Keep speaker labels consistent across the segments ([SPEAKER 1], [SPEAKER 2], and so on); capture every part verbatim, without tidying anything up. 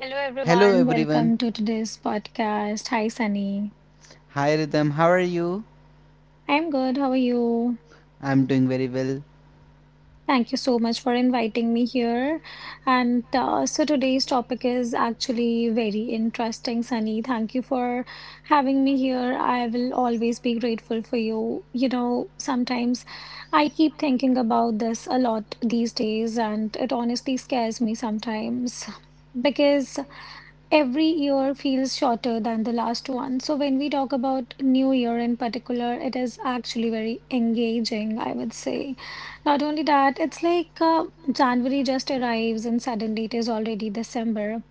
[SPEAKER 1] Hello,
[SPEAKER 2] Hello
[SPEAKER 1] everyone.
[SPEAKER 2] everyone.
[SPEAKER 1] Welcome to today's podcast. Hi, Sunny.
[SPEAKER 2] Hi Rhythm, how are you?
[SPEAKER 1] I'm good. How are you?
[SPEAKER 2] I'm doing very well.
[SPEAKER 1] Thank you so much for inviting me here. And uh, so today's topic is actually very interesting, Sunny. Thank you for having me here. I will always be grateful for you. You know, sometimes I keep thinking about this a lot these days, and it honestly scares me sometimes. Every year feels shorter than the last one. So when we talk about New Year in particular, it is actually very engaging, I would say. Not only that, it's like uh, January just arrives and suddenly it is already December.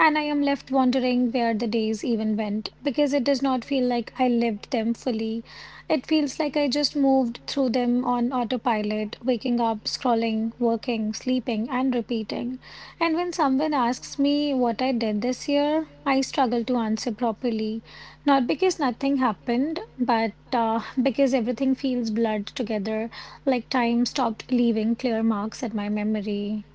[SPEAKER 1] And I am left wondering where the days even went because it does not feel like I lived them fully. It feels like I just moved through them on autopilot, waking up, scrolling, working, sleeping, and repeating. And when someone asks me what I did this year, I struggle to answer properly. Not because nothing happened, but uh, because everything feels blurred together, like time stopped leaving clear marks at my memory.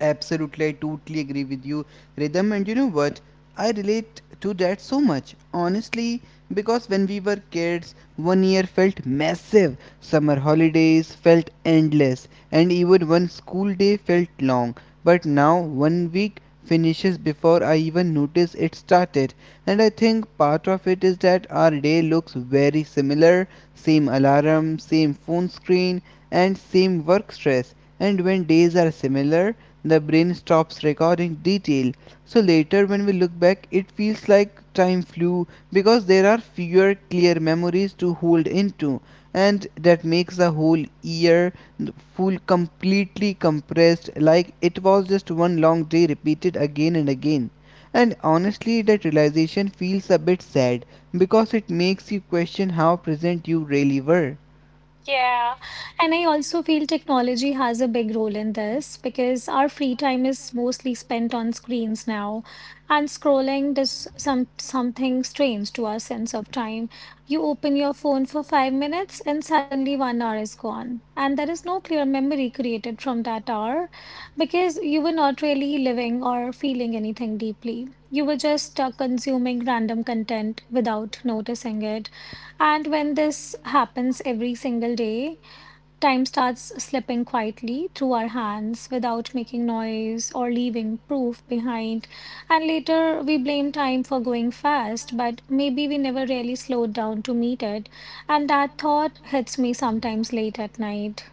[SPEAKER 2] Absolutely, I totally agree with you, Rhythm. And you know what? I relate to that so much, honestly, because when we were kids, one year felt massive. Summer holidays felt endless, and even one school day felt long. But now, one week finishes before I even notice it started. And I think part of it is that our day looks very similar: same alarm, same phone screen, and same work stress. And when days are similar, the brain stops recording detail. So later, when we look back, it feels like time flew because there are fewer clear memories to hold into, and that makes the whole year feel completely compressed, like it was just one long day repeated again and again. And honestly, that realization feels a bit sad because it makes you question how present you really were.
[SPEAKER 1] Yeah, and I also feel technology has a big role in this because our free time is mostly spent on screens now, and scrolling does some something strange to our sense of time. You open your phone for five minutes, and suddenly one hour is gone, and there is no clear memory created from that hour because you were not really living or feeling anything deeply. You were just uh, consuming random content without noticing it. And when this happens every single day, time starts slipping quietly through our hands without making noise or leaving proof behind. And later we blame time for going fast, but maybe we never really slowed down to meet it. And that thought hits me sometimes late at night.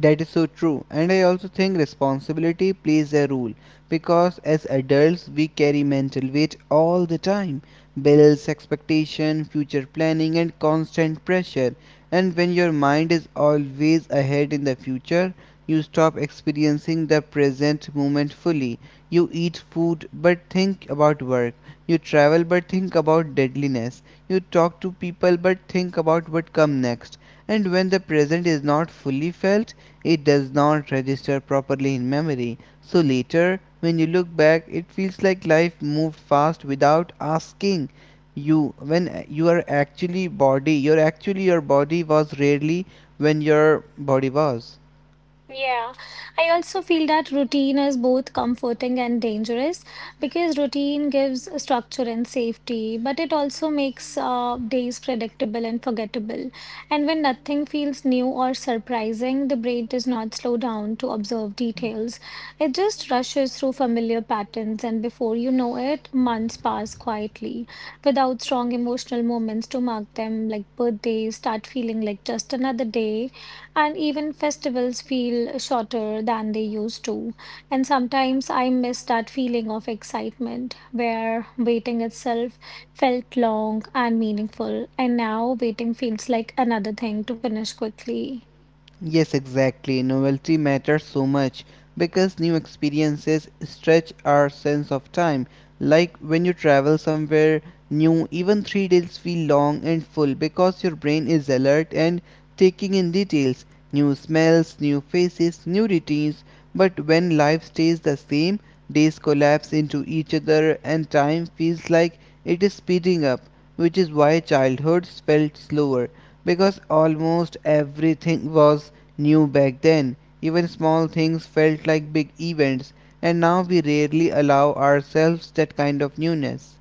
[SPEAKER 2] That is so true. And I also think responsibility plays a role because as adults we carry mental weight all the time: bills, expectation, future planning, and constant pressure. And when your mind is always ahead in the future, you stop experiencing the present moment fully. You eat food but think about work. You travel but think about deadliness. You talk to people but think about what come next, and when the present is not fully felt, it does not register properly in memory. So later, when you look back, it feels like life moved fast without asking you, when uh, you are actually body, your actually, your body was rarely, when your body was.
[SPEAKER 1] Yeah, I also feel that routine is both comforting and dangerous because routine gives structure and safety, but it also makes uh, days predictable and forgettable. And when nothing feels new or surprising, the brain does not slow down to observe details. It just rushes through familiar patterns, and before you know it, months pass quietly without strong emotional moments to mark them, like birthdays start feeling like just another day and even festivals feel shorter than they used to. And sometimes I miss that feeling of excitement where waiting itself felt long and meaningful, and now waiting feels like another thing to finish quickly.
[SPEAKER 2] Yes, exactly. Novelty matters so much because new experiences stretch our sense of time. Like when you travel somewhere new, even three days feel long and full because your brain is alert and taking in details, new smells, new faces, new routines. But when life stays the same, days collapse into each other and time feels like it is speeding up, which is why childhoods felt slower because almost everything was new back then. Even small things felt like big events, and now we rarely allow ourselves that kind of newness.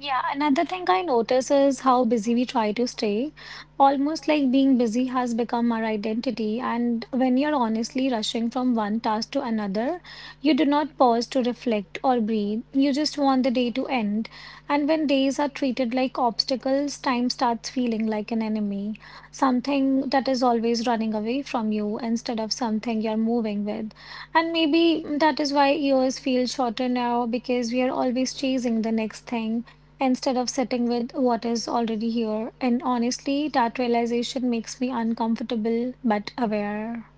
[SPEAKER 1] Yeah, another thing I notice is how busy we try to stay. Almost like being busy has become our identity. And when you're honestly rushing from one task to another, you do not pause to reflect or breathe. You just want the day to end. And when days are treated like obstacles, time starts feeling like an enemy, something that is always running away from you instead of something you're moving with. And maybe that is why years feel shorter now because we are always chasing the next thing instead of sitting with what is already here. And honestly, that realization makes me uncomfortable but aware.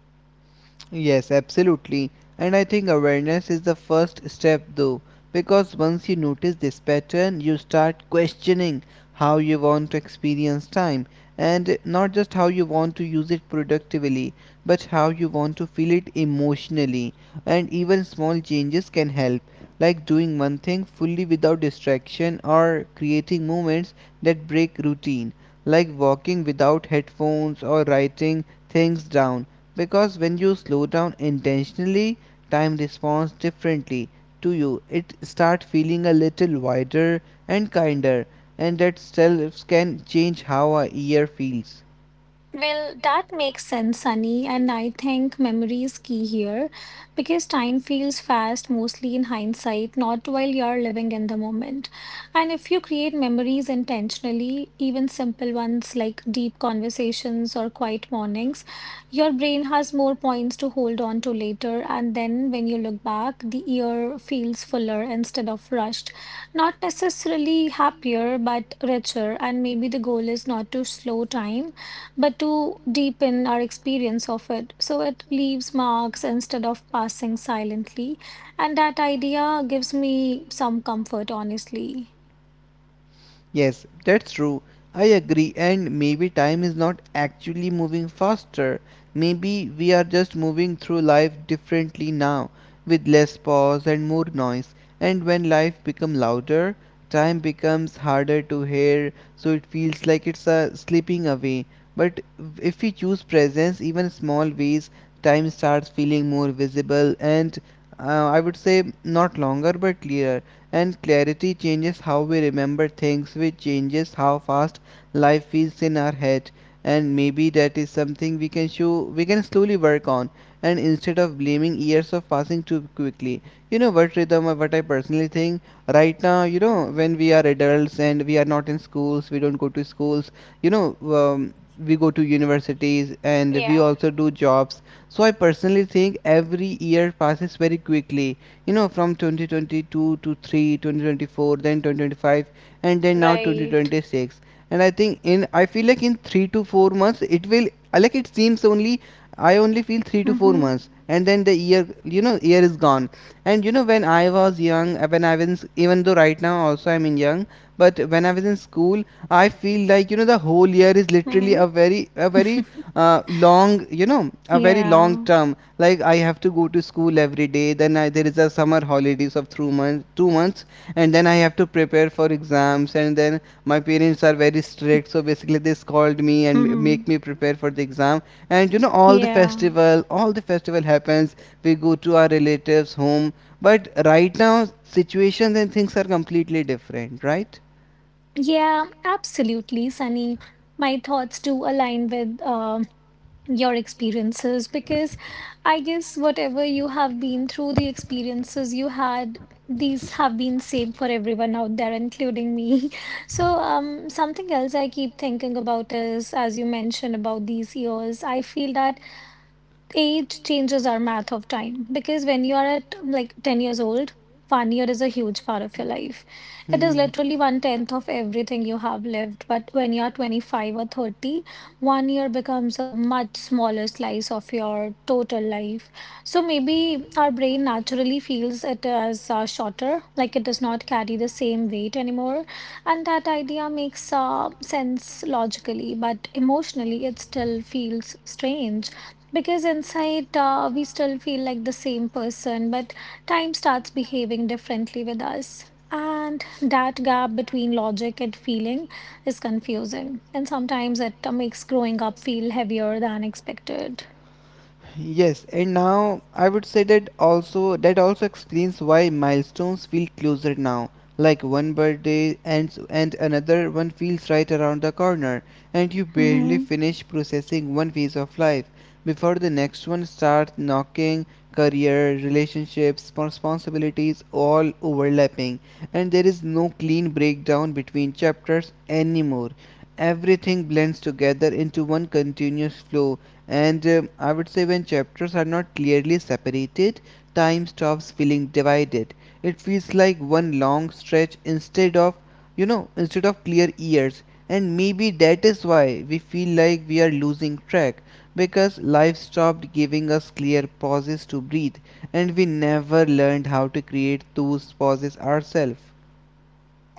[SPEAKER 2] Yes, absolutely. And I think awareness is the first step though, because once you notice this pattern, you start questioning how you want to experience time, and not just how you want to use it productively, but how you want to feel it emotionally. And even small changes can help, like doing one thing fully without distraction, or creating moments that break routine, like walking without headphones or writing things down, because when you slow down intentionally, time responds differently to you. It starts feeling a little wider and kinder, and that self can change how a year feels.
[SPEAKER 1] Well, that makes sense, Sunny, and I think memory is key here because time feels fast mostly in hindsight, not while you're living in the moment. And if you create memories intentionally, even simple ones like deep conversations or quiet mornings, your brain has more points to hold on to later. And then when you look back, the year feels fuller instead of rushed. Not necessarily happier, but richer. And maybe the goal is not to slow time but to deepen our experience of it. So it leaves marks instead of passing silently. And that idea gives me some comfort, honestly.
[SPEAKER 2] Yes, that's true. I agree, and maybe time is not actually moving faster. Maybe we are just moving through life differently now, with less pause and more noise. And when life becomes louder, time becomes harder to hear, so it feels like it's uh, slipping away. But if we choose presence, even small ways, time starts feeling more visible and, uh, I would say, not longer but clearer. And clarity changes how we remember things, which changes how fast life feels in our head. And maybe that is something we can show, we can slowly work on, and instead of blaming years of passing too quickly. You know what, Rhythm, or what I personally think right now, you know,
[SPEAKER 1] Mhm.
[SPEAKER 2] when we are adults and we are not in schools, we don't go to schools, you know, um, we go to universities and we
[SPEAKER 1] Yeah,
[SPEAKER 2] also do jobs. So I personally think every year passes very quickly, you know, from twenty twenty-two to three twenty twenty-four, then twenty twenty-five, and then now
[SPEAKER 1] right.
[SPEAKER 2] two thousand twenty-six. And I think in I feel like in three to four months, it will I like it seems only I only feel three to four
[SPEAKER 1] Mm-hmm.
[SPEAKER 2] months, and then the year, you know, year is gone. And you know, when I was young, uh, when I was even though right now also I'm in young, but when I was in school, I feel like, you know, the whole year is literally
[SPEAKER 1] Mm-hmm.
[SPEAKER 2] a very, a very, uh, long, you know, a very long
[SPEAKER 1] Yeah.
[SPEAKER 2] term. Like I have to go to school every day. Then I, there is a summer holidays of two months two months, and then I have to prepare for exams. And then my parents are very strict, so basically they scold me and m-
[SPEAKER 1] Mm-hmm.
[SPEAKER 2] make me prepare for the exam. And you know, all the
[SPEAKER 1] Yeah.
[SPEAKER 2] festival all the festival happens, we go to our relatives home. But right now situations and things are completely different, right?
[SPEAKER 1] Yeah, absolutely, Sunny. My thoughts do align with um your experiences because I guess whatever you have been through, the experiences you had, these have been same for everyone out there, including me. So, um, something else I keep thinking about is, as you mentioned about these years, I feel that age changes our math of time because when you are at like ten years old, one year is a huge part of your life. It is
[SPEAKER 2] Hmm.
[SPEAKER 1] literally one tenth of everything you have lived, but when you are twenty-five or thirty, one year becomes a much smaller slice of your total life. So maybe our brain naturally feels it as uh, shorter, like it does not carry the same weight anymore. And that idea makes uh, sense logically, but emotionally it still feels strange because inside, uh, we still feel like the same person, but time starts behaving differently with us. And that gap between logic and feeling is confusing. And sometimes it uh, makes growing up feel heavier than expected.
[SPEAKER 2] Yes, and now I would say that also, that also explains why milestones feel closer now. Like one birthday and and another one feels right around the corner, and you barely
[SPEAKER 1] Mm-hmm.
[SPEAKER 2] finish processing one phase of life before the next one starts knocking. Career, relationships, responsibilities, all overlapping, and there is no clean breakdown between chapters anymore. Everything blends together into one continuous flow, and, uh, I would say, when chapters are not clearly separated, time stops feeling divided. It feels like one long stretch instead of, you know, instead of clear years. And maybe that is why we feel like we are losing track, because life stopped giving us clear pauses to breathe, and we never learned how to create those pauses ourselves.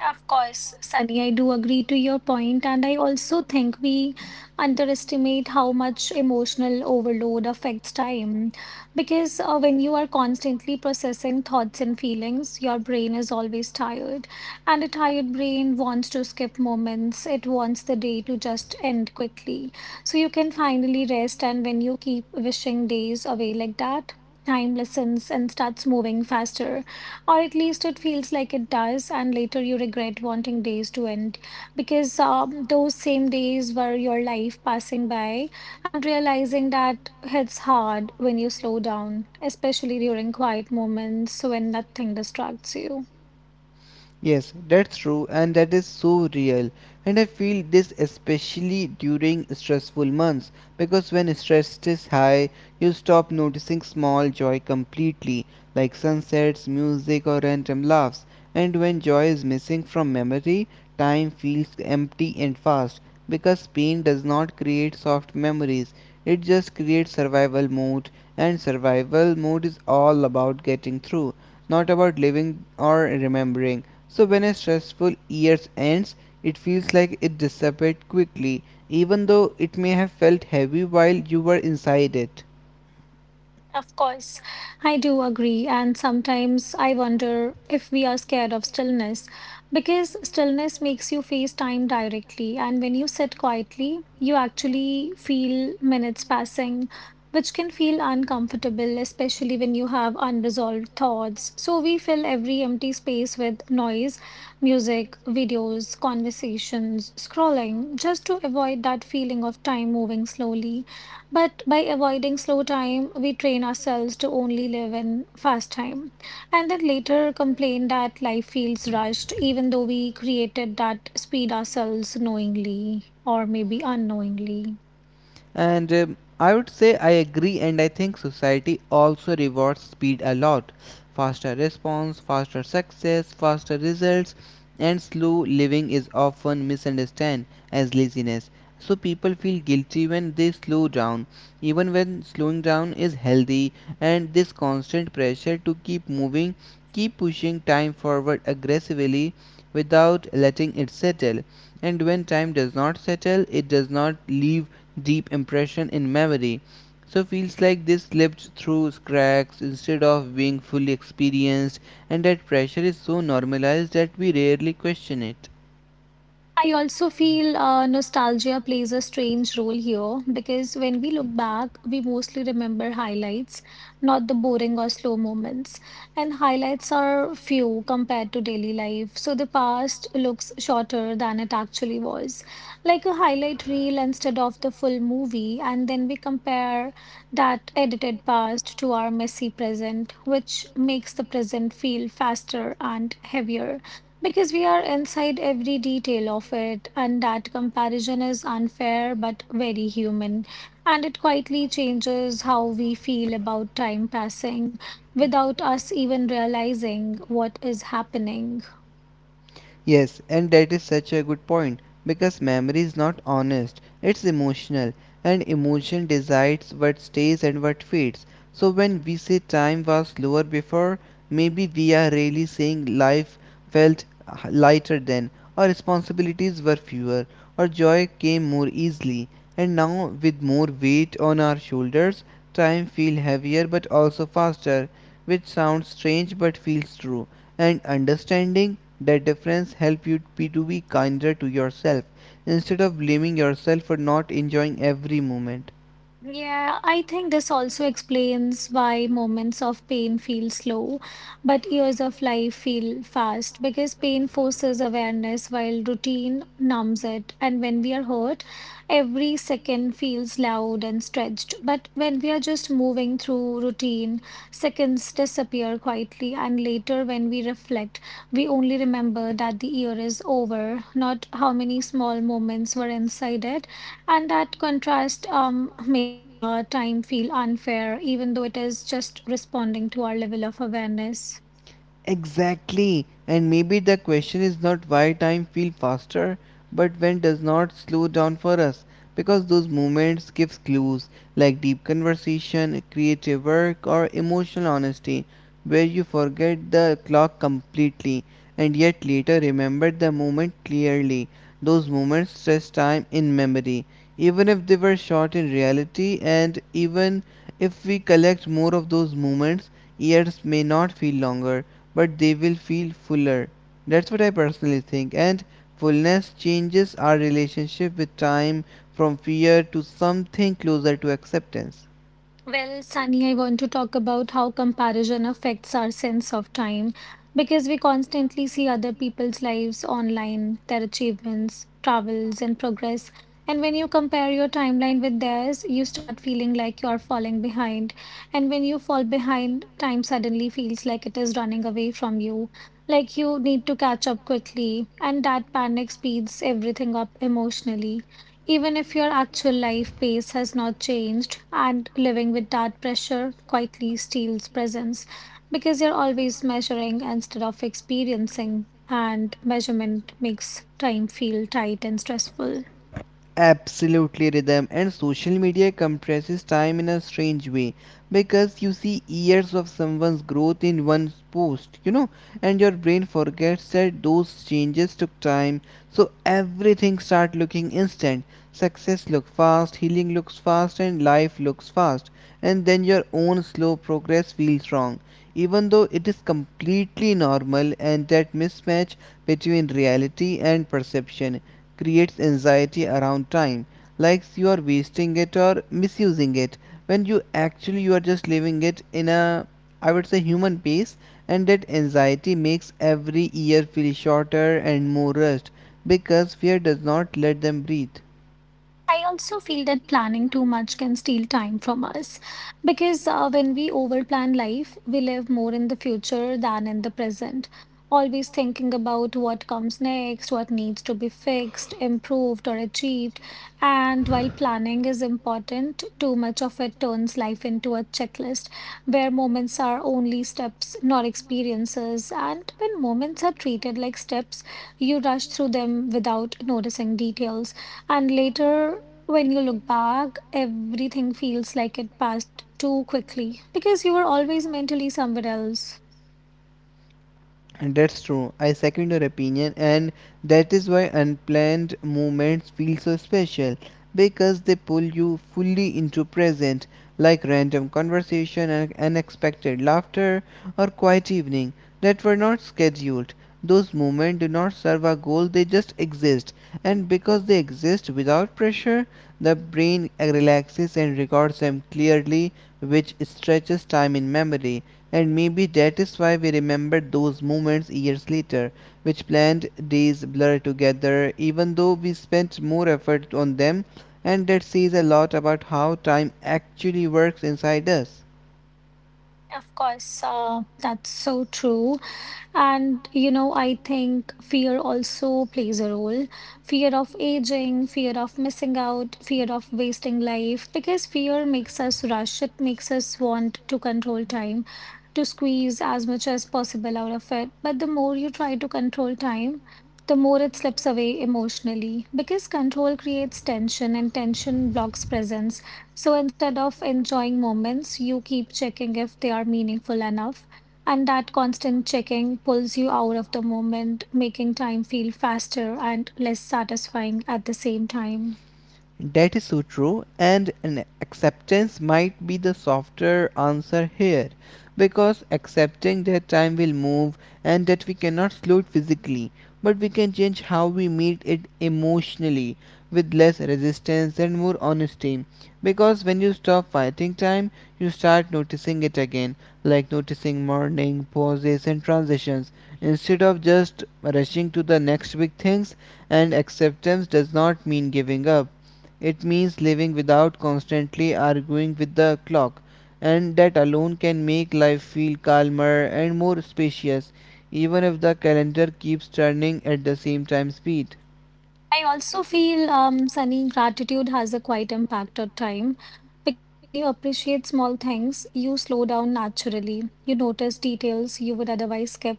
[SPEAKER 1] Yeah, of course, Sunny, I do agree to your point, and I also think we underestimate how much emotional overload affects time. Because uh, when you are constantly processing thoughts and feelings, your brain is always tired. And a tired brain wants to skip moments, it wants the day to just end quickly. So you can finally rest, and when you keep wishing days away like that, time listens and starts moving faster, or at least it feels like it does, and later you regret wanting days to end because um, those same days were your life passing by, and realizing that hits hard when you slow down, especially during quiet moments when nothing distracts you.
[SPEAKER 2] Yes, that's true, and that is so real. And I feel this especially during stressful months because when stress is high, you stop noticing small joy completely, like sunsets, music, or random laughs. And when joy is missing from memory, time feels empty and fast, because pain does not create soft memories, it just creates survival mode, and survival mode is all about getting through, not about living or remembering. So when a stressful year ends, it feels like it disappeared quickly, even though it may have felt heavy while you were inside it.
[SPEAKER 1] Of course, I do agree. And sometimes I wonder if we are scared of stillness because stillness makes you face time directly. And when you sit quietly, you actually feel minutes passing, which can feel uncomfortable, especially when you have unresolved thoughts. So we fill every empty space with noise, music, videos, conversations, scrolling, just to avoid that feeling of time moving slowly. But by avoiding slow time, we train ourselves to only live in fast time. And then later complain that life feels rushed, even though we created that speed ourselves knowingly or maybe unknowingly.
[SPEAKER 2] And um, I would say I agree, and I think society also rewards speed a lot. Faster response, faster success, faster results, and slow living is often misunderstood as laziness. So people feel guilty when they slow down, even when slowing down is healthy, and this constant pressure to keep moving, keep pushing time forward aggressively without letting it settle. And when time does not settle, it does not leave deep impression in memory. So feels like this slipped through cracks instead of being fully experienced, and that pressure is so normalized that we rarely question it.
[SPEAKER 1] I also feel uh, nostalgia plays a strange role here because when we look back, we mostly remember highlights, not the boring or slow moments. And highlights are few compared to daily life, so the past looks shorter than it actually was. Like a highlight reel instead of the full movie, and then we compare that edited past to our messy present, which makes the present feel faster and heavier. Because we are inside every detail of it, and that comparison is unfair but very human. And it quietly changes how we feel about time passing without us even realizing what is happening.
[SPEAKER 2] Yes, and that is such a good point, because memory is not honest, it's emotional, and emotion decides what stays and what fades. So, when we say time was slower before, maybe we are really saying life felt h- lighter then, or responsibilities were fewer, or joy came more easily. And now, with more weight on our shoulders, time feels heavier but also faster, which sounds strange but feels true. And understanding that difference help you be to be kinder to yourself, instead of blaming yourself for not enjoying every moment.
[SPEAKER 1] Yeah, I think this also explains why moments of pain feel slow, but years of life feel fast because pain forces awareness while routine numbs it. And when we are hurt, every second feels loud and stretched. But when we are just moving through routine, seconds disappear quietly. And later, when we reflect, we only remember that the year is over, not how many small moments were inside it, and that contrast um, makes uh, time feel unfair, even though it is just responding to our level of awareness.
[SPEAKER 2] Exactly, and maybe the question is not why time feels faster, but when does not slow down for us, because those moments gives clues, like deep conversation, creative work, or emotional honesty, where you forget the clock completely and yet later remember the moment clearly. Those moments stretch time in memory, even if they were short in reality, and even if we collect more of those moments, years may not feel longer, but they will feel fuller. That's what I personally think. And fullness changes our relationship with time from fear to something closer to acceptance.
[SPEAKER 1] Well, Sunny, I want to talk about how comparison affects our sense of time because we constantly see other people's lives online, their achievements, travels, and progress. And when you compare your timeline with theirs, you start feeling like you are falling behind. And when you fall behind, time suddenly feels like it is running away from you, like you need to catch up quickly. And that panic speeds everything up emotionally, even if your actual life pace has not changed, and living with that pressure quietly steals presence because you're always measuring instead of experiencing, and measurement makes time feel tight and stressful.
[SPEAKER 2] Absolutely, Rhythm, and social media compresses time in a strange way, because you see years of someone's growth in one post, you know, and your brain forgets that those changes took time. So everything start looking instant. Success looks fast, healing looks fast, and life looks fast. And then your own slow progress feels wrong, even though it is completely normal. And that mismatch between reality and perception creates anxiety around time, like you are wasting it or misusing it when you actually, you are just living it in a, I would say, human pace. And that anxiety makes every year feel shorter and more rushed, because fear does not let them breathe.
[SPEAKER 1] I also feel that planning too much can steal time from us because uh, when we overplan life, we live more in the future than in the present. Always thinking about what comes next, what needs to be fixed, improved, or achieved. And while planning is important, too much of it turns life into a checklist where moments are only steps, not experiences. And when moments are treated like steps, you rush through them without noticing details. And later, when you look back, everything feels like it passed too quickly because you were always mentally somewhere else.
[SPEAKER 2] And That's true. I second your opinion, and that is why unplanned moments feel so special, because they pull you fully into present, like random conversation and unexpected laughter, or quiet evening that were not scheduled. Those moments do not serve a goal, they just exist. And because they exist without pressure, the brain relaxes and records them clearly, which stretches time in memory. And maybe that is why we remember those moments years later, which planned days blur together, even though we spent more effort on them, and that says a lot about how time actually works inside us.
[SPEAKER 1] Of course, uh, that's so true. And, you know, I think fear also plays a role. Fear of aging, fear of missing out, fear of wasting life, because fear makes us rush. It makes us want to control time, to squeeze as much as possible out of it. But the more you try to control time, the more it slips away emotionally, because control creates tension and tension blocks presence. So instead of enjoying moments, you keep checking if they are meaningful enough and that constant checking pulls you out of the moment, making time feel faster and less satisfying at the same time.
[SPEAKER 2] That is so true, and an acceptance might be the softer answer here because accepting that time will move and that we cannot slow it physically, but we can change how we meet it emotionally with less resistance and more honesty. Because when you stop fighting time, you start noticing it again, like noticing morning, pauses, and transitions, instead of just rushing to the next big things. And acceptance does not mean giving up. It means living without constantly arguing with the clock, and that alone can make life feel calmer and more spacious, even if the calendar keeps turning at the same time speed.
[SPEAKER 1] I also feel, um, Sunny, gratitude has a quite impact at time because when you appreciate small things, you slow down naturally. You notice details you would otherwise skip,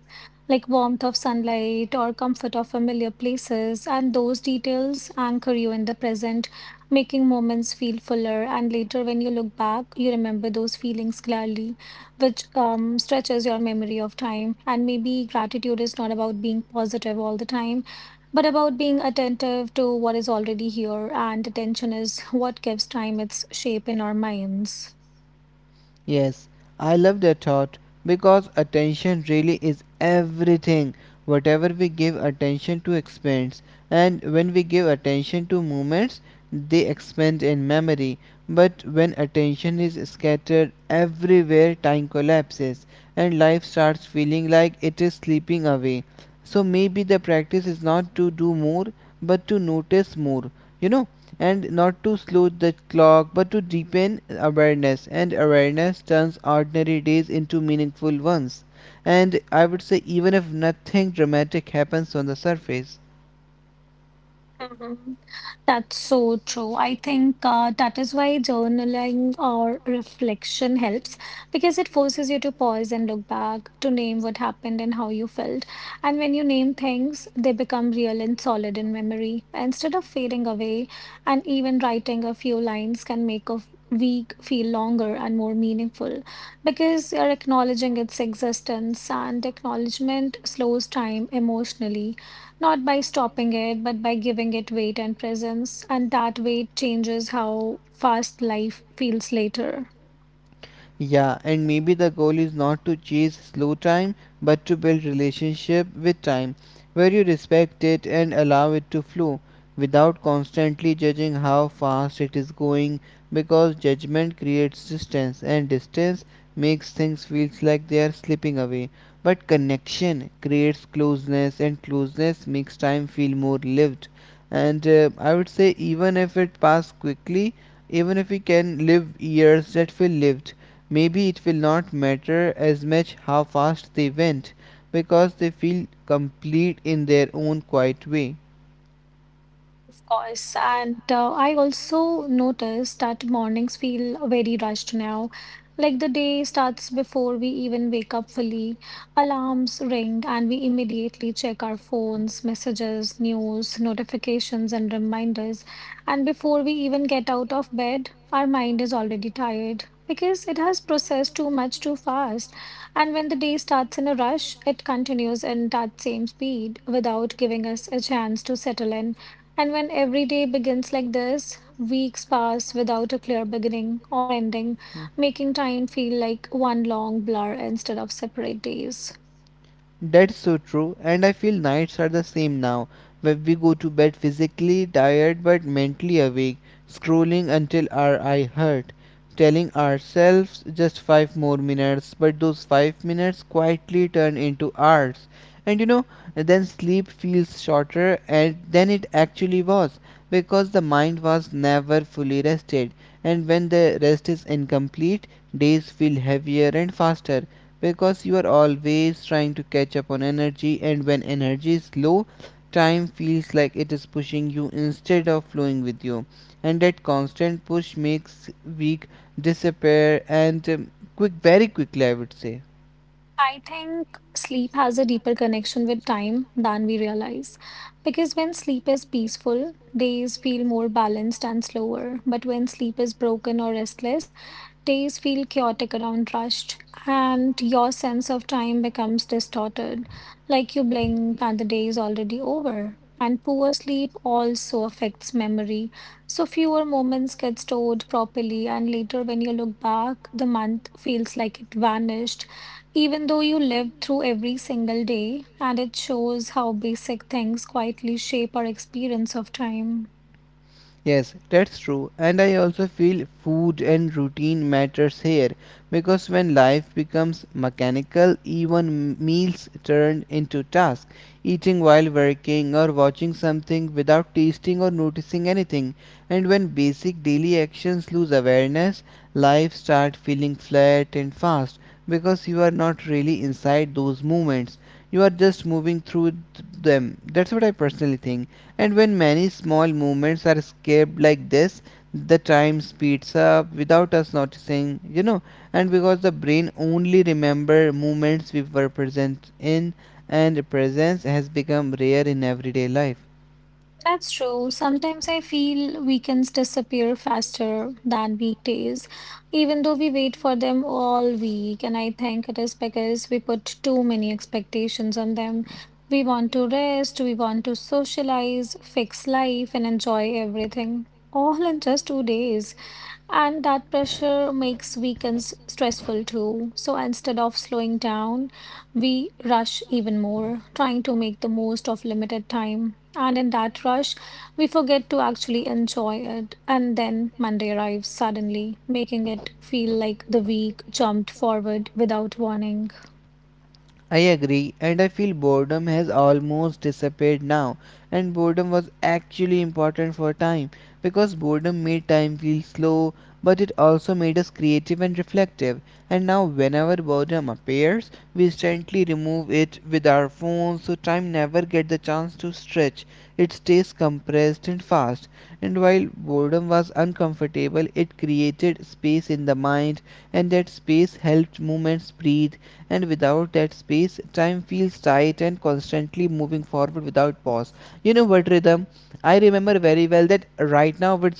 [SPEAKER 1] like warmth of sunlight or comfort of familiar places, and those details anchor you in the present, making moments feel fuller. And later, when you look back, you remember those feelings clearly, which um, stretches your memory of time. And maybe gratitude is not about being positive all the time but about being attentive to what is already here, and attention is what gives time its shape in our minds.
[SPEAKER 2] Yes, I love that thought because attention really is everything. Whatever we give attention to expands, and when we give attention to movements, they expand in memory. But when attention is scattered everywhere, time collapses and life starts feeling like it is slipping away. So maybe the practice is not to do more but to notice more. You know, and not to slow the clock but to deepen awareness, and awareness turns ordinary days into meaningful ones, and I would say even if nothing dramatic happens on the surface.
[SPEAKER 1] Mhm. That's so true. I think uh, that is why journaling or reflection helps because it forces you to pause and look back to name what happened and how you felt. And when you name things, they become real and solid in memory instead of fading away. And even writing a few lines can make a f- week feel longer and more meaningful because you're acknowledging its existence, and acknowledgement slows time emotionally not by stopping it, but by giving it weight and presence. And that weight changes how fast life feels later.
[SPEAKER 2] Yeah, and maybe the goal is not to chase slow time but to build relationship with time where you respect it and allow it to flow without constantly judging how fast it is going, because judgment creates distance and distance makes things feels like they are slipping away, but connection creates closeness and closeness makes time feel more lived. And uh, I would say even if it passed quickly, even if we can live years that feel lived, maybe it will not matter as much how fast they went, because they feel complete in their own quiet way.
[SPEAKER 1] Of course, and uh, I also noticed that mornings feel very rushed now. Like the day starts before we even wake up fully. Alarms ring, and we immediately check our phones, messages, news, notifications, and reminders. And before we even get out of bed, our mind is already tired because it has processed too much too fast. And when the day starts in a rush, it continues in that same speed without giving us a chance to settle in. And when every day begins like this, weeks pass without a clear beginning or ending, making time feel like one long blur instead of separate days.
[SPEAKER 2] Mm. That's so true, and I feel nights are the same now, where we go to bed physically tired but mentally awake, scrolling until our eye hurt, telling ourselves just five more minutes, but those five minutes quietly turn into hours. And you know, then sleep feels shorter and than it actually was because the mind was never fully rested. And when the rest is incomplete, days feel heavier and faster because you are always trying to catch up on energy. And when energy is low, time feels like it is pushing you instead of flowing with you, and that constant push makes weak disappear, and um, quick very quickly I would say.
[SPEAKER 1] I think sleep has a deeper connection with time than we realize. Because when sleep is peaceful, days feel more balanced and slower. But when sleep is broken or restless, days feel chaotic around rushed, and your sense of time becomes distorted, like you blink and the day is already over. And poor sleep also affects memory. So fewer moments get stored properly, and later when you look back, the month feels like it vanished, even though you lived through every single day, and it shows how basic things quietly shape our experience of time.
[SPEAKER 2] Yes, that's true. And I also feel food and routine matters here because when life becomes mechanical, even m- meals turn into tasks. Eating while working or watching something without tasting or noticing anything. And when basic daily actions lose awareness, life starts feeling flat and fast because you are not really inside those moments. You are just moving through th- them. That's what I personally think. And when many small movements are escaped like this, the time speeds up without us noticing, you know. And because the brain only remember movements we were present in, and presence has become rare in everyday life.
[SPEAKER 1] That's true. Sometimes I feel weekends disappear faster than weekdays, even though we wait for them all week. And I think it is because we put too many expectations on them. We want to rest, we want to socialize, fix life, and enjoy everything all in just two days. And that pressure makes weekends stressful too. So instead of slowing down, we rush even more, trying to make the most of limited time. And in that rush, we forget to actually enjoy it. And then Monday arrives suddenly, making it feel like the week jumped forward without warning.
[SPEAKER 2] I agree, and I feel boredom has almost disappeared now. And boredom was actually important for a time because boredom made time feel slow, but it also made us creative and reflective. And now, whenever boredom appears, we instantly remove it with our phones, so time never gets the chance to stretch. It stays compressed and fast. And while boredom was uncomfortable, it created space in the mind, and that space helped movements breathe, and without that space, time feels tight and constantly moving forward without pause. You know what, Rhythm? I remember very well that right now, but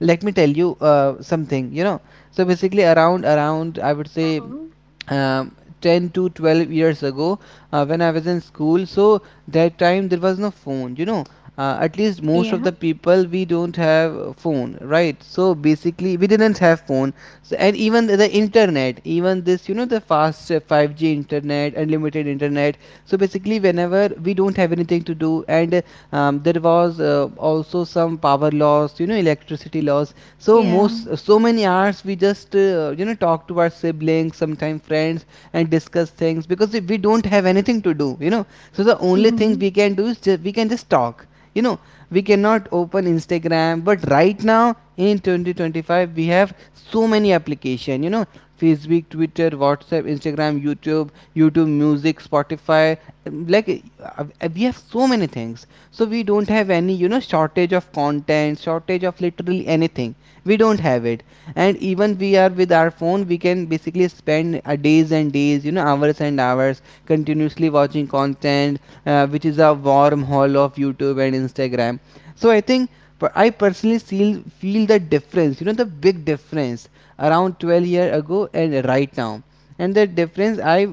[SPEAKER 2] let me tell you uh, something, you know. So basically, around, around, I would say,
[SPEAKER 1] Mhm.
[SPEAKER 2] um, ten to twelve years ago, uh, when I was in school. So that time there was no phone, you know. Uh, at least most of
[SPEAKER 1] Yeah,
[SPEAKER 2] the people we don't have a phone, right? So basically we didn't have phone, so, and even the, the internet, even this, you know, the fast uh, five g internet, unlimited internet. So basically whenever we don't have anything to do and um, there was uh, also some power loss, you know, electricity loss, so
[SPEAKER 1] yeah.
[SPEAKER 2] most, so many hours we just uh, you know, talk to our siblings, sometimes friends, and discuss things, because we we don't have anything to do, you know. So the only thing
[SPEAKER 1] Hmm.
[SPEAKER 2] we can do is just, we can just talk, you know. We cannot open Instagram, but right now in twenty twenty-five we have so many application, you know: Facebook, Twitter, WhatsApp, Instagram, YouTube, YouTube Music, Spotify, um, like, uh, uh, we have so many things, so we don't have any, you know, shortage of content, shortage of literally anything. We don't have it. And even we are with our phone, we can basically spend uh, days and days, you know, hours and hours continuously watching content, uh, which is a wormhole of YouTube and Instagram. So I think, per- i personally feel feel the difference, you know, the big difference around twelve years ago and right now, and the difference I,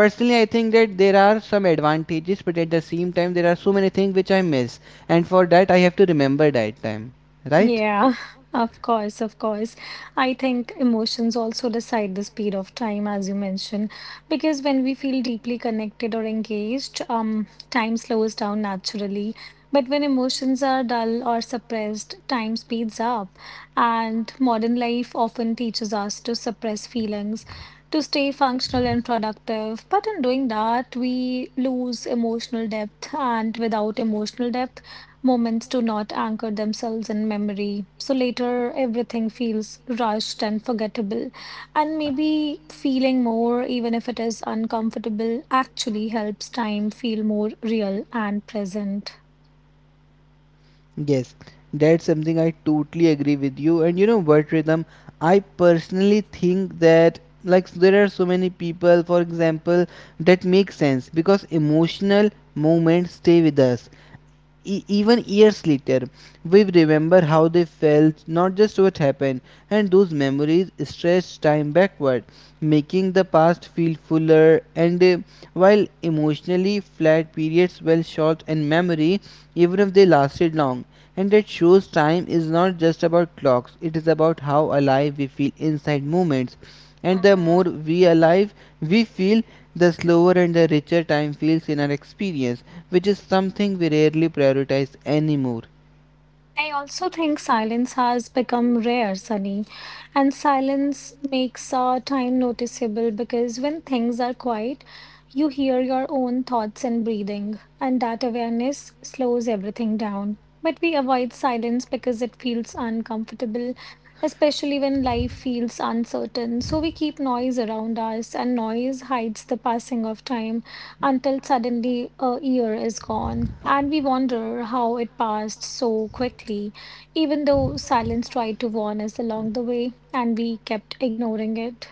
[SPEAKER 2] personally, I think that there are some advantages, but at the same time there are so many things which I miss, and for that I have to remember that time, right?
[SPEAKER 1] Yeah, of course, of course. I think emotions also decide the speed of time, as you mentioned, because when we feel deeply connected or engaged, um, time slows down naturally. But when emotions are dull or suppressed, time speeds up. And modern life often teaches us to suppress feelings, to stay functional and productive. But in doing that, we lose emotional depth, and without emotional depth, moments do not anchor themselves in memory, so later everything feels rushed and forgettable. And maybe feeling more, even if it is uncomfortable, actually helps time feel more real and present.
[SPEAKER 2] Yes, that's something I totally agree with you. And you know what, Rhythm? I personally think that, like, there are so many people, for example, that make sense because emotional moments stay with us. E- even years later, we remember how they felt, not just what happened, and those memories stretch time backward, making the past feel fuller. And uh, while emotionally flat periods well short in memory, even if they lasted long, and that shows time is not just about clocks; it is about how alive we feel inside moments, and the more we alive we feel, the slower and the richer time feels in our experience, which is something we rarely prioritize anymore.
[SPEAKER 1] I also think silence has become rare, Sunny, and silence makes our time noticeable because when things are quiet, you hear your own thoughts and breathing, and that awareness slows everything down. But we avoid silence because it feels uncomfortable, especially when life feels uncertain. So we keep noise around us, and noise hides the passing of time until suddenly a year is gone, and we wonder how it passed so quickly, even though silence tried to warn us along the way, and we kept ignoring it.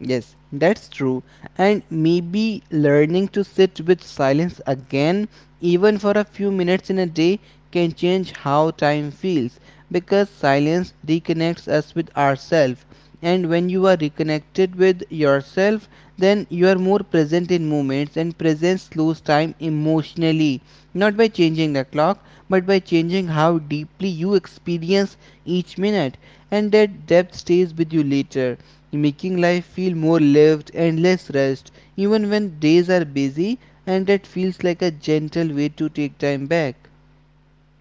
[SPEAKER 2] Yes, that's true. And maybe learning to sit with silence again, even for a few minutes in a day, can change how time feels because silence reconnects us with ourselves. And when you are reconnected with yourself, then you are more present in moments, and presence slows time emotionally, not by changing the clock, but by changing how deeply you experience each minute, and that depth stays with you later, making life feel more lived and less rushed, even when days are busy, and that feels like a gentle way to take time back.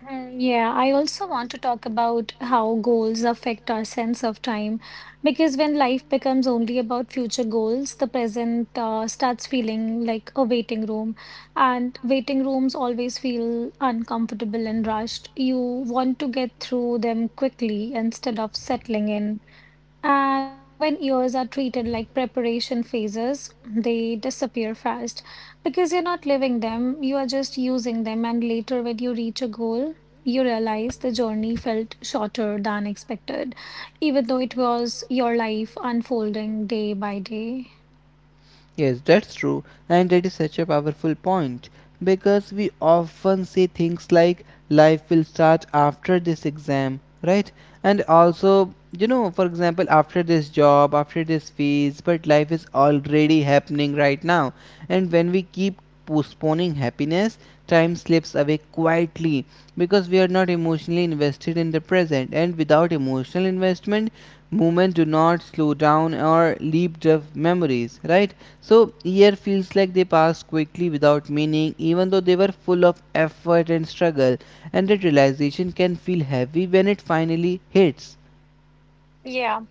[SPEAKER 1] Mm, yeah, I also want to talk about how goals affect our sense of time because when life becomes only about future goals, the present uh, starts feeling like a waiting room, and waiting rooms always feel uncomfortable and rushed. You want to get through them quickly instead of settling in. And when ears are treated like preparation phases, they disappear fast because you're not living them, you are just using them. And later, when you reach a goal, you realize the journey felt shorter than expected, even though it was your life unfolding day by day.
[SPEAKER 2] Yes, that's true, and that is such a powerful point because we often say things like life will start after this exam, right? And also, you know, for example, after this job, after this phase, but life is already happening right now. And when we keep postponing happiness, time slips away quietly because we are not emotionally invested in the present. And without emotional investment, movement do not slow down or leap the memories, right? So, year feels like they passed quickly without meaning, even though they were full of effort and struggle. And that realization can feel heavy when it finally hits.
[SPEAKER 1] Yeah,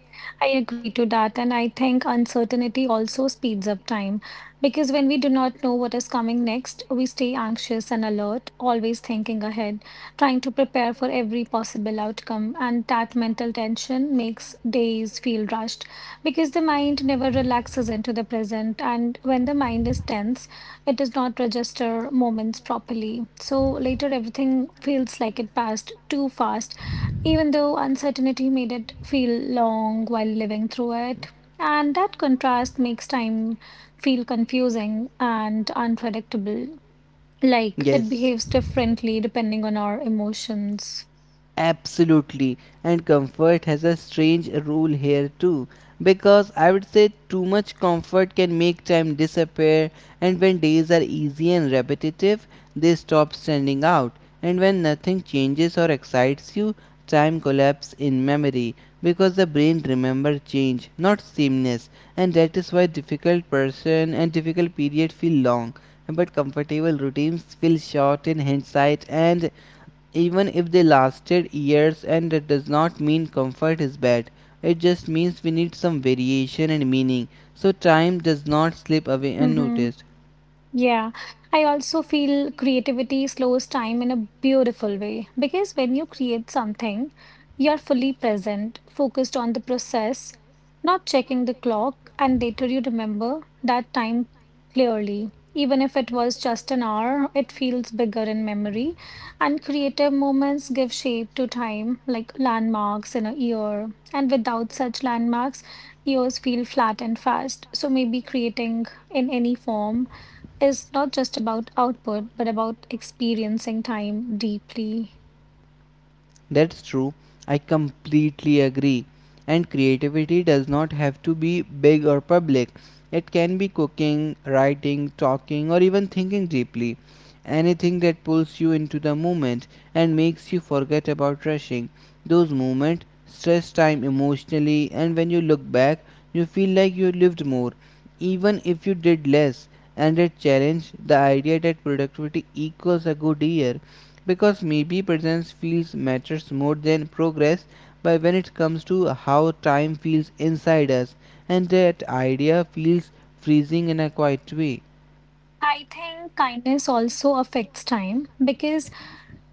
[SPEAKER 1] I agree to that. And I think uncertainty also speeds up time because when we do not know what is coming next, we stay anxious and alert, always thinking ahead, trying to prepare for every possible outcome. And that mental tension makes days feel rushed because the mind never relaxes into the present. And when the mind is tense, it does not register moments properly. So later, everything feels like it passed too fast even though uncertainty made it feel long while living through it. And that contrast makes time feel confusing and unpredictable. Like it
[SPEAKER 2] Yes.
[SPEAKER 1] behaves differently depending on our emotions.
[SPEAKER 2] Absolutely. And comfort has a strange rule here too. Because I would say too much comfort can make time disappear, and when days are easy and repetitive, they stop standing out. And when nothing changes or excites you, time collapses in memory because the brain remembers change, not sameness. And that is why difficult person and difficult period feel long but comfortable routines feel short in hindsight, and even if they lasted years, and it does not mean comfort is bad. It just means we need some variation and meaning, so time does not slip away
[SPEAKER 1] Mm-hmm.
[SPEAKER 2] unnoticed.
[SPEAKER 1] Yeah, I also feel creativity slows time in a beautiful way because when you create something, you're fully present, focused on the process, not checking the clock, and later you remember that time clearly. Even if it was just an hour, it feels bigger in memory. And creative moments give shape to time, like landmarks in a year. And without such landmarks, years feel flat and fast. So maybe creating in any form is not just about output, but about experiencing time deeply.
[SPEAKER 2] That's true. I completely agree. And creativity does not have to be big or public. It can be cooking, writing, talking, or even thinking deeply. Anything that pulls you into the moment and makes you forget about rushing. Those moments stress time emotionally, and when you look back, you feel like you lived more, even if you did less. And it challenged the idea that productivity equals a good year because maybe presence feels matters more than progress, but when it comes to how time feels inside us, and that idea feels freezing in a quiet way.
[SPEAKER 1] I think kindness also affects time because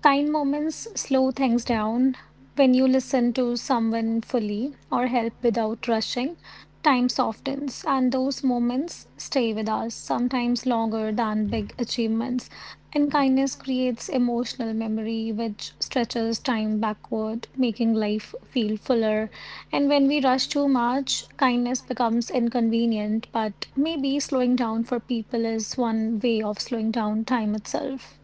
[SPEAKER 1] kind moments slow things down. When you listen to someone fully or help without rushing, time softens, and those moments stay with us, sometimes longer than big achievements. And kindness creates emotional memory, which stretches time backward, making life feel fuller. And when we rush too much, kindness becomes inconvenient, but maybe slowing down for people is one way of slowing down time itself.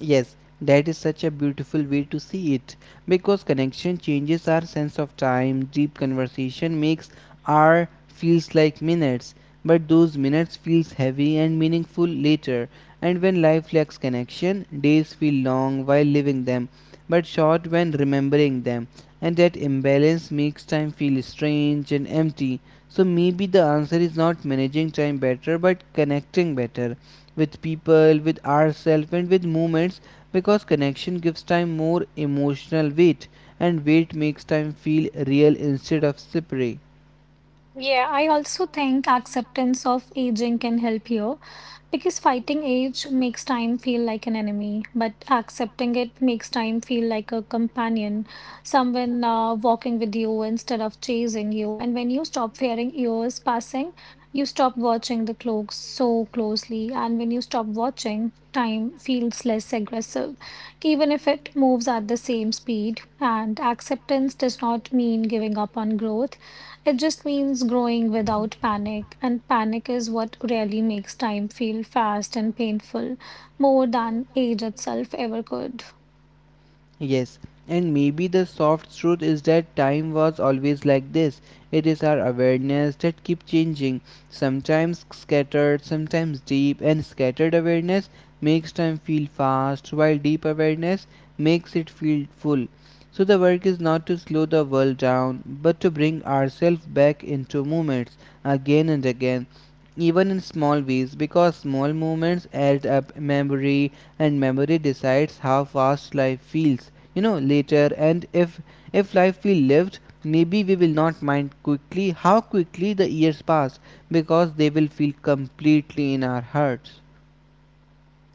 [SPEAKER 2] Yes, that is such a beautiful way to see it because connection changes our sense of time. Deep conversation makes hour feels like minutes, but those minutes feels heavy and meaningful later. And when life lacks connection, days feel long while living them, but short when remembering them. And that imbalance makes time feel strange and empty. So maybe the answer is not managing time better, but connecting better with people, with ourselves, and with moments because connection gives time more emotional weight, and weight makes time feel real instead of slippery.
[SPEAKER 1] Yeah, I also think acceptance of aging can help here because fighting age makes time feel like an enemy, but accepting it makes time feel like a companion, someone uh, walking with you instead of chasing you. And when you stop fearing years passing, you stop watching the clocks so closely. And when you stop watching, time feels less aggressive, even if it moves at the same speed. And acceptance does not mean giving up on growth. It just means growing without panic, and panic is what really makes time feel fast and painful, more than age itself ever could.
[SPEAKER 2] Yes, and maybe the soft truth is that time was always like this. It is our awareness that keep changing, sometimes scattered, sometimes deep, and scattered awareness makes time feel fast, while deep awareness makes it feel full. So the work is not to slow the world down, but to bring ourselves back into moments again and again, even in small ways, because small moments add up memory, and memory decides how fast life feels you know later, and if if life we lived, maybe we will not mind quickly how quickly the years pass because they will feel completely in our hearts.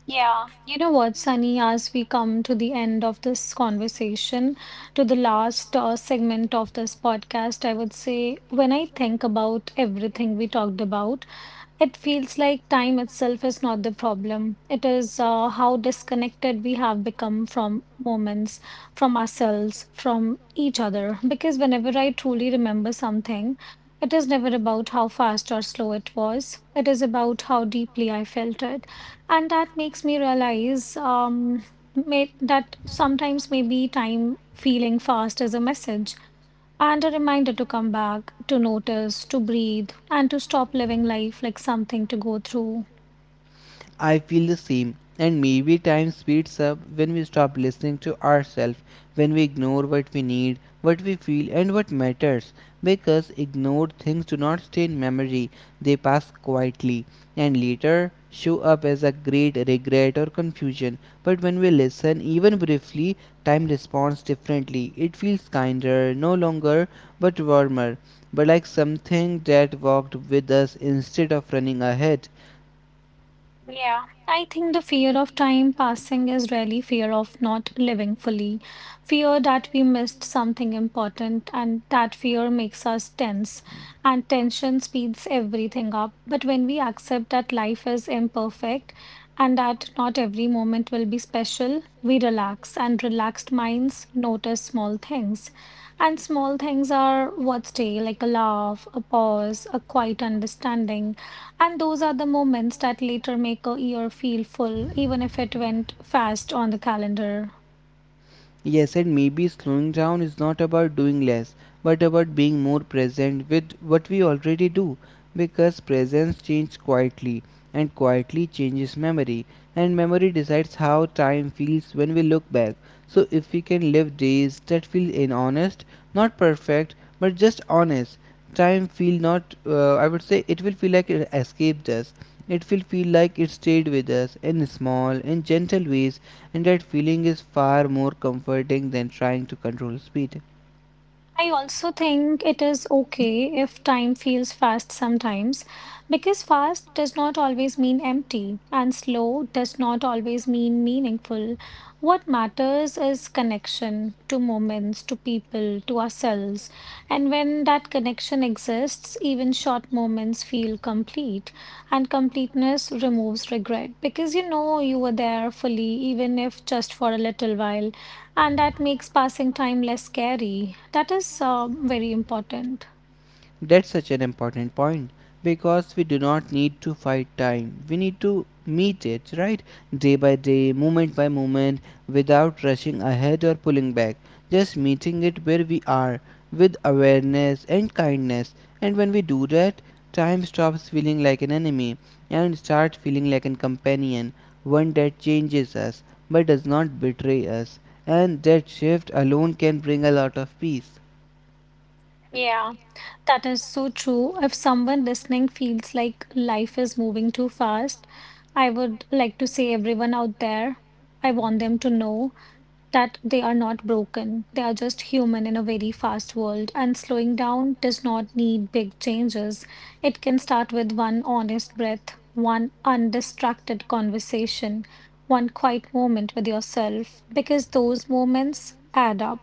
[SPEAKER 1] Yeah, you know what, Sunny, as we come to the end of this conversation, to the last uh, segment of this podcast, I would say when I think about everything we talked about, it feels like time itself is not the problem. It is uh, how disconnected we have become from moments, from ourselves, from each other. Because whenever I truly remember something, it is never about how fast or slow it was. It is about how deeply I felt it. And that makes me realize um, may, that sometimes maybe time feeling fast is a message and a reminder to come back, to notice, to breathe, and to stop living life like something to go through.
[SPEAKER 2] I feel the same, and maybe time speeds up when we stop listening to ourselves, when we ignore what we need, what we feel, and what matters. Because ignored things do not stay in memory, they pass quietly and later show up as a great regret or confusion. But when we listen, even briefly, time responds differently. It feels kinder, no longer, but warmer, but like something that walked with us instead of running ahead.
[SPEAKER 1] I think the fear of time passing is really fear of not living fully, fear that we missed something important, and that fear makes us tense, and tension speeds everything up. But when we accept that life is imperfect and that not every moment will be special, we relax, and relaxed minds notice small things. And small things are what stay, like a laugh, a pause, a quiet understanding. And those are the moments that later make a year feel full, even if it went fast on the calendar.
[SPEAKER 2] Yes, and maybe slowing down is not about doing less, but about being more present with what we already do. Because presence changes quietly, and quietly changes memory, and memory decides how time feels when we look back. So, if we can live days that feel in honest, not perfect, but just honest, time feel not, uh, I would say it will feel like it escaped us. It will feel like it stayed with us in small and gentle ways, and that feeling is far more comforting than trying to control speed.
[SPEAKER 1] I also think it is okay if time feels fast sometimes, because fast does not always mean empty, and slow does not always mean meaningful. What matters is connection to moments, to people, to ourselves. And when that connection exists, even short moments feel complete, and completeness removes regret because you know you were there fully, even if just for a little while and that makes passing time less scary. That is uh, very important.
[SPEAKER 2] That's such an important point because we do not need to fight time. We need to meet it, right? Day by day, moment by moment, without rushing ahead or pulling back. Just meeting it where we are with awareness and kindness. And when we do that, time stops feeling like an enemy and starts feeling like a companion, one that changes us but does not betray us. And that shift alone can bring a lot of peace.
[SPEAKER 1] Yeah, that is so true. If someone listening feels like life is moving too fast, I would like to say everyone out there, I want them to know that they are not broken. They are just human in a very fast world, and slowing down does not need big changes. It can start with one honest breath, one undistracted conversation, one quiet moment with yourself, because those moments add up.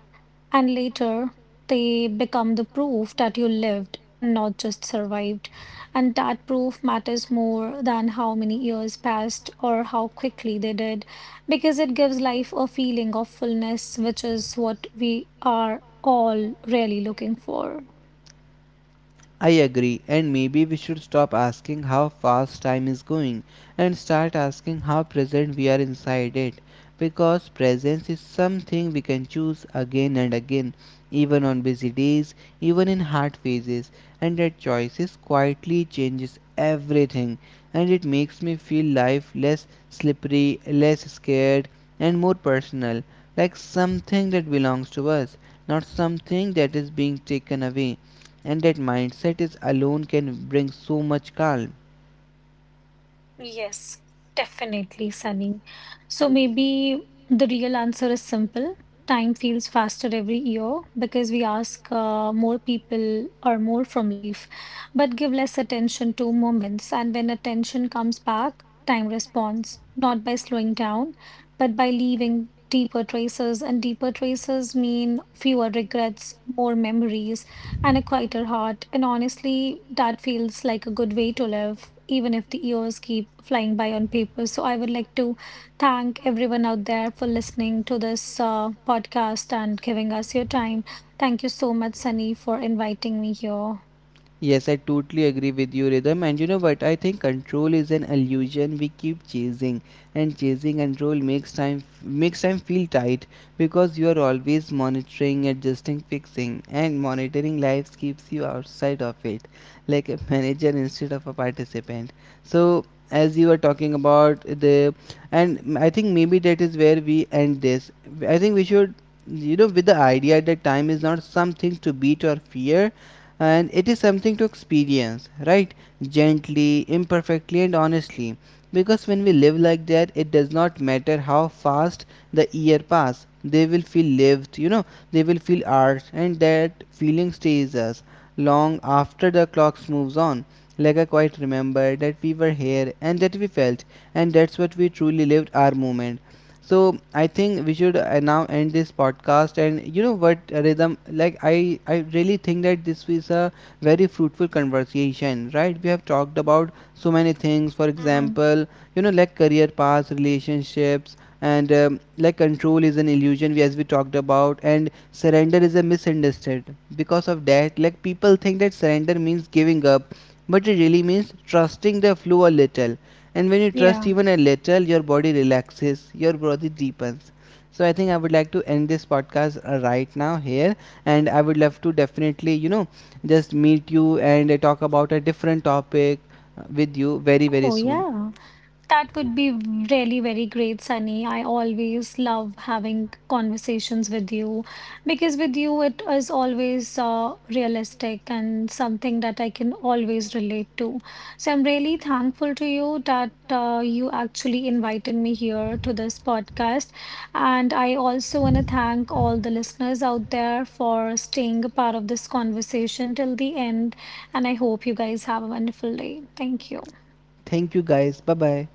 [SPEAKER 1] And later, they become the proof that you lived and not just survived. And that proof matters more than how many years passed or how quickly they did because it gives life a feeling of fullness, which is what we are all really looking for.
[SPEAKER 2] I agree, and maybe we should stop asking how fast time is going and start asking how present we are inside it. Because presence is something we can choose again and again, even on busy days, even in hard phases, and that choices quietly changes everything. And it makes me feel life less slippery, less scared, and more personal, like something that belongs to us, not something that is being taken away, and that mindset is alone can bring so much calm.
[SPEAKER 1] Yes, definitely, Sunny. So maybe the real answer is simple. Time feels faster every year because we ask uh, more people or more from life, but give less attention to moments. And when attention comes back, time responds, not by slowing down, but by leaving deeper traces. And deeper traces mean fewer regrets, more memories and a quieter heart. And honestly, that feels like a good way to live, even if the years keep flying by on paper. So I would like to thank everyone out there for listening to this uh, podcast and giving us your time. Thank you so much, Sunny, for inviting me here.
[SPEAKER 2] Yes, I totally agree with you, Rhythm. And you know what? I think control is an illusion we keep chasing, and chasing control makes time makes time feel tight because you are always monitoring, adjusting, fixing, and monitoring lives keeps you outside of it, like a manager instead of a participant. So, as you were talking about the, and m- I think maybe that is where we end this. I think we should, you know, with the idea that time is not something to beat or fear, and it is something to experience, right? Gently, imperfectly, and honestly, because when we live like that, it does not matter how fast the year pass, they will feel lived, you know, they will feel ours, and that feeling stays us long after the clocks moves on. Like I quite remember that we were here and that we felt, and that's what we truly lived our moment. So I think we should uh, now end this podcast. And you know what, uh, Rhythm, like i i really think that this is a very fruitful conversation, right? We have talked about so many things, for example, you know, like career paths, relationships, and um, like control is an illusion, we- as we talked about, and surrender is a misunderstood because of that, like people think that surrender means giving up, but it really means trusting the flow a little. And when you trust,
[SPEAKER 1] Yeah.
[SPEAKER 2] even a little, your body relaxes, your body deepens. So I think I would like to end this podcast uh, right now here, and I would love to definitely, you know, just meet you and uh, talk about a different topic uh, with you very very
[SPEAKER 1] Oh,
[SPEAKER 2] soon.
[SPEAKER 1] yeah. That would be really very great, Sunny. I always love having conversations with you because with you it is always uh, realistic and something that I can always relate to. So I'm really thankful to you that uh, you actually invited me here to this podcast. And I also want to thank all the listeners out there for staying a part of this conversation till the end. And I hope you guys have a wonderful day. Thank you.
[SPEAKER 2] Thank you guys, bye bye.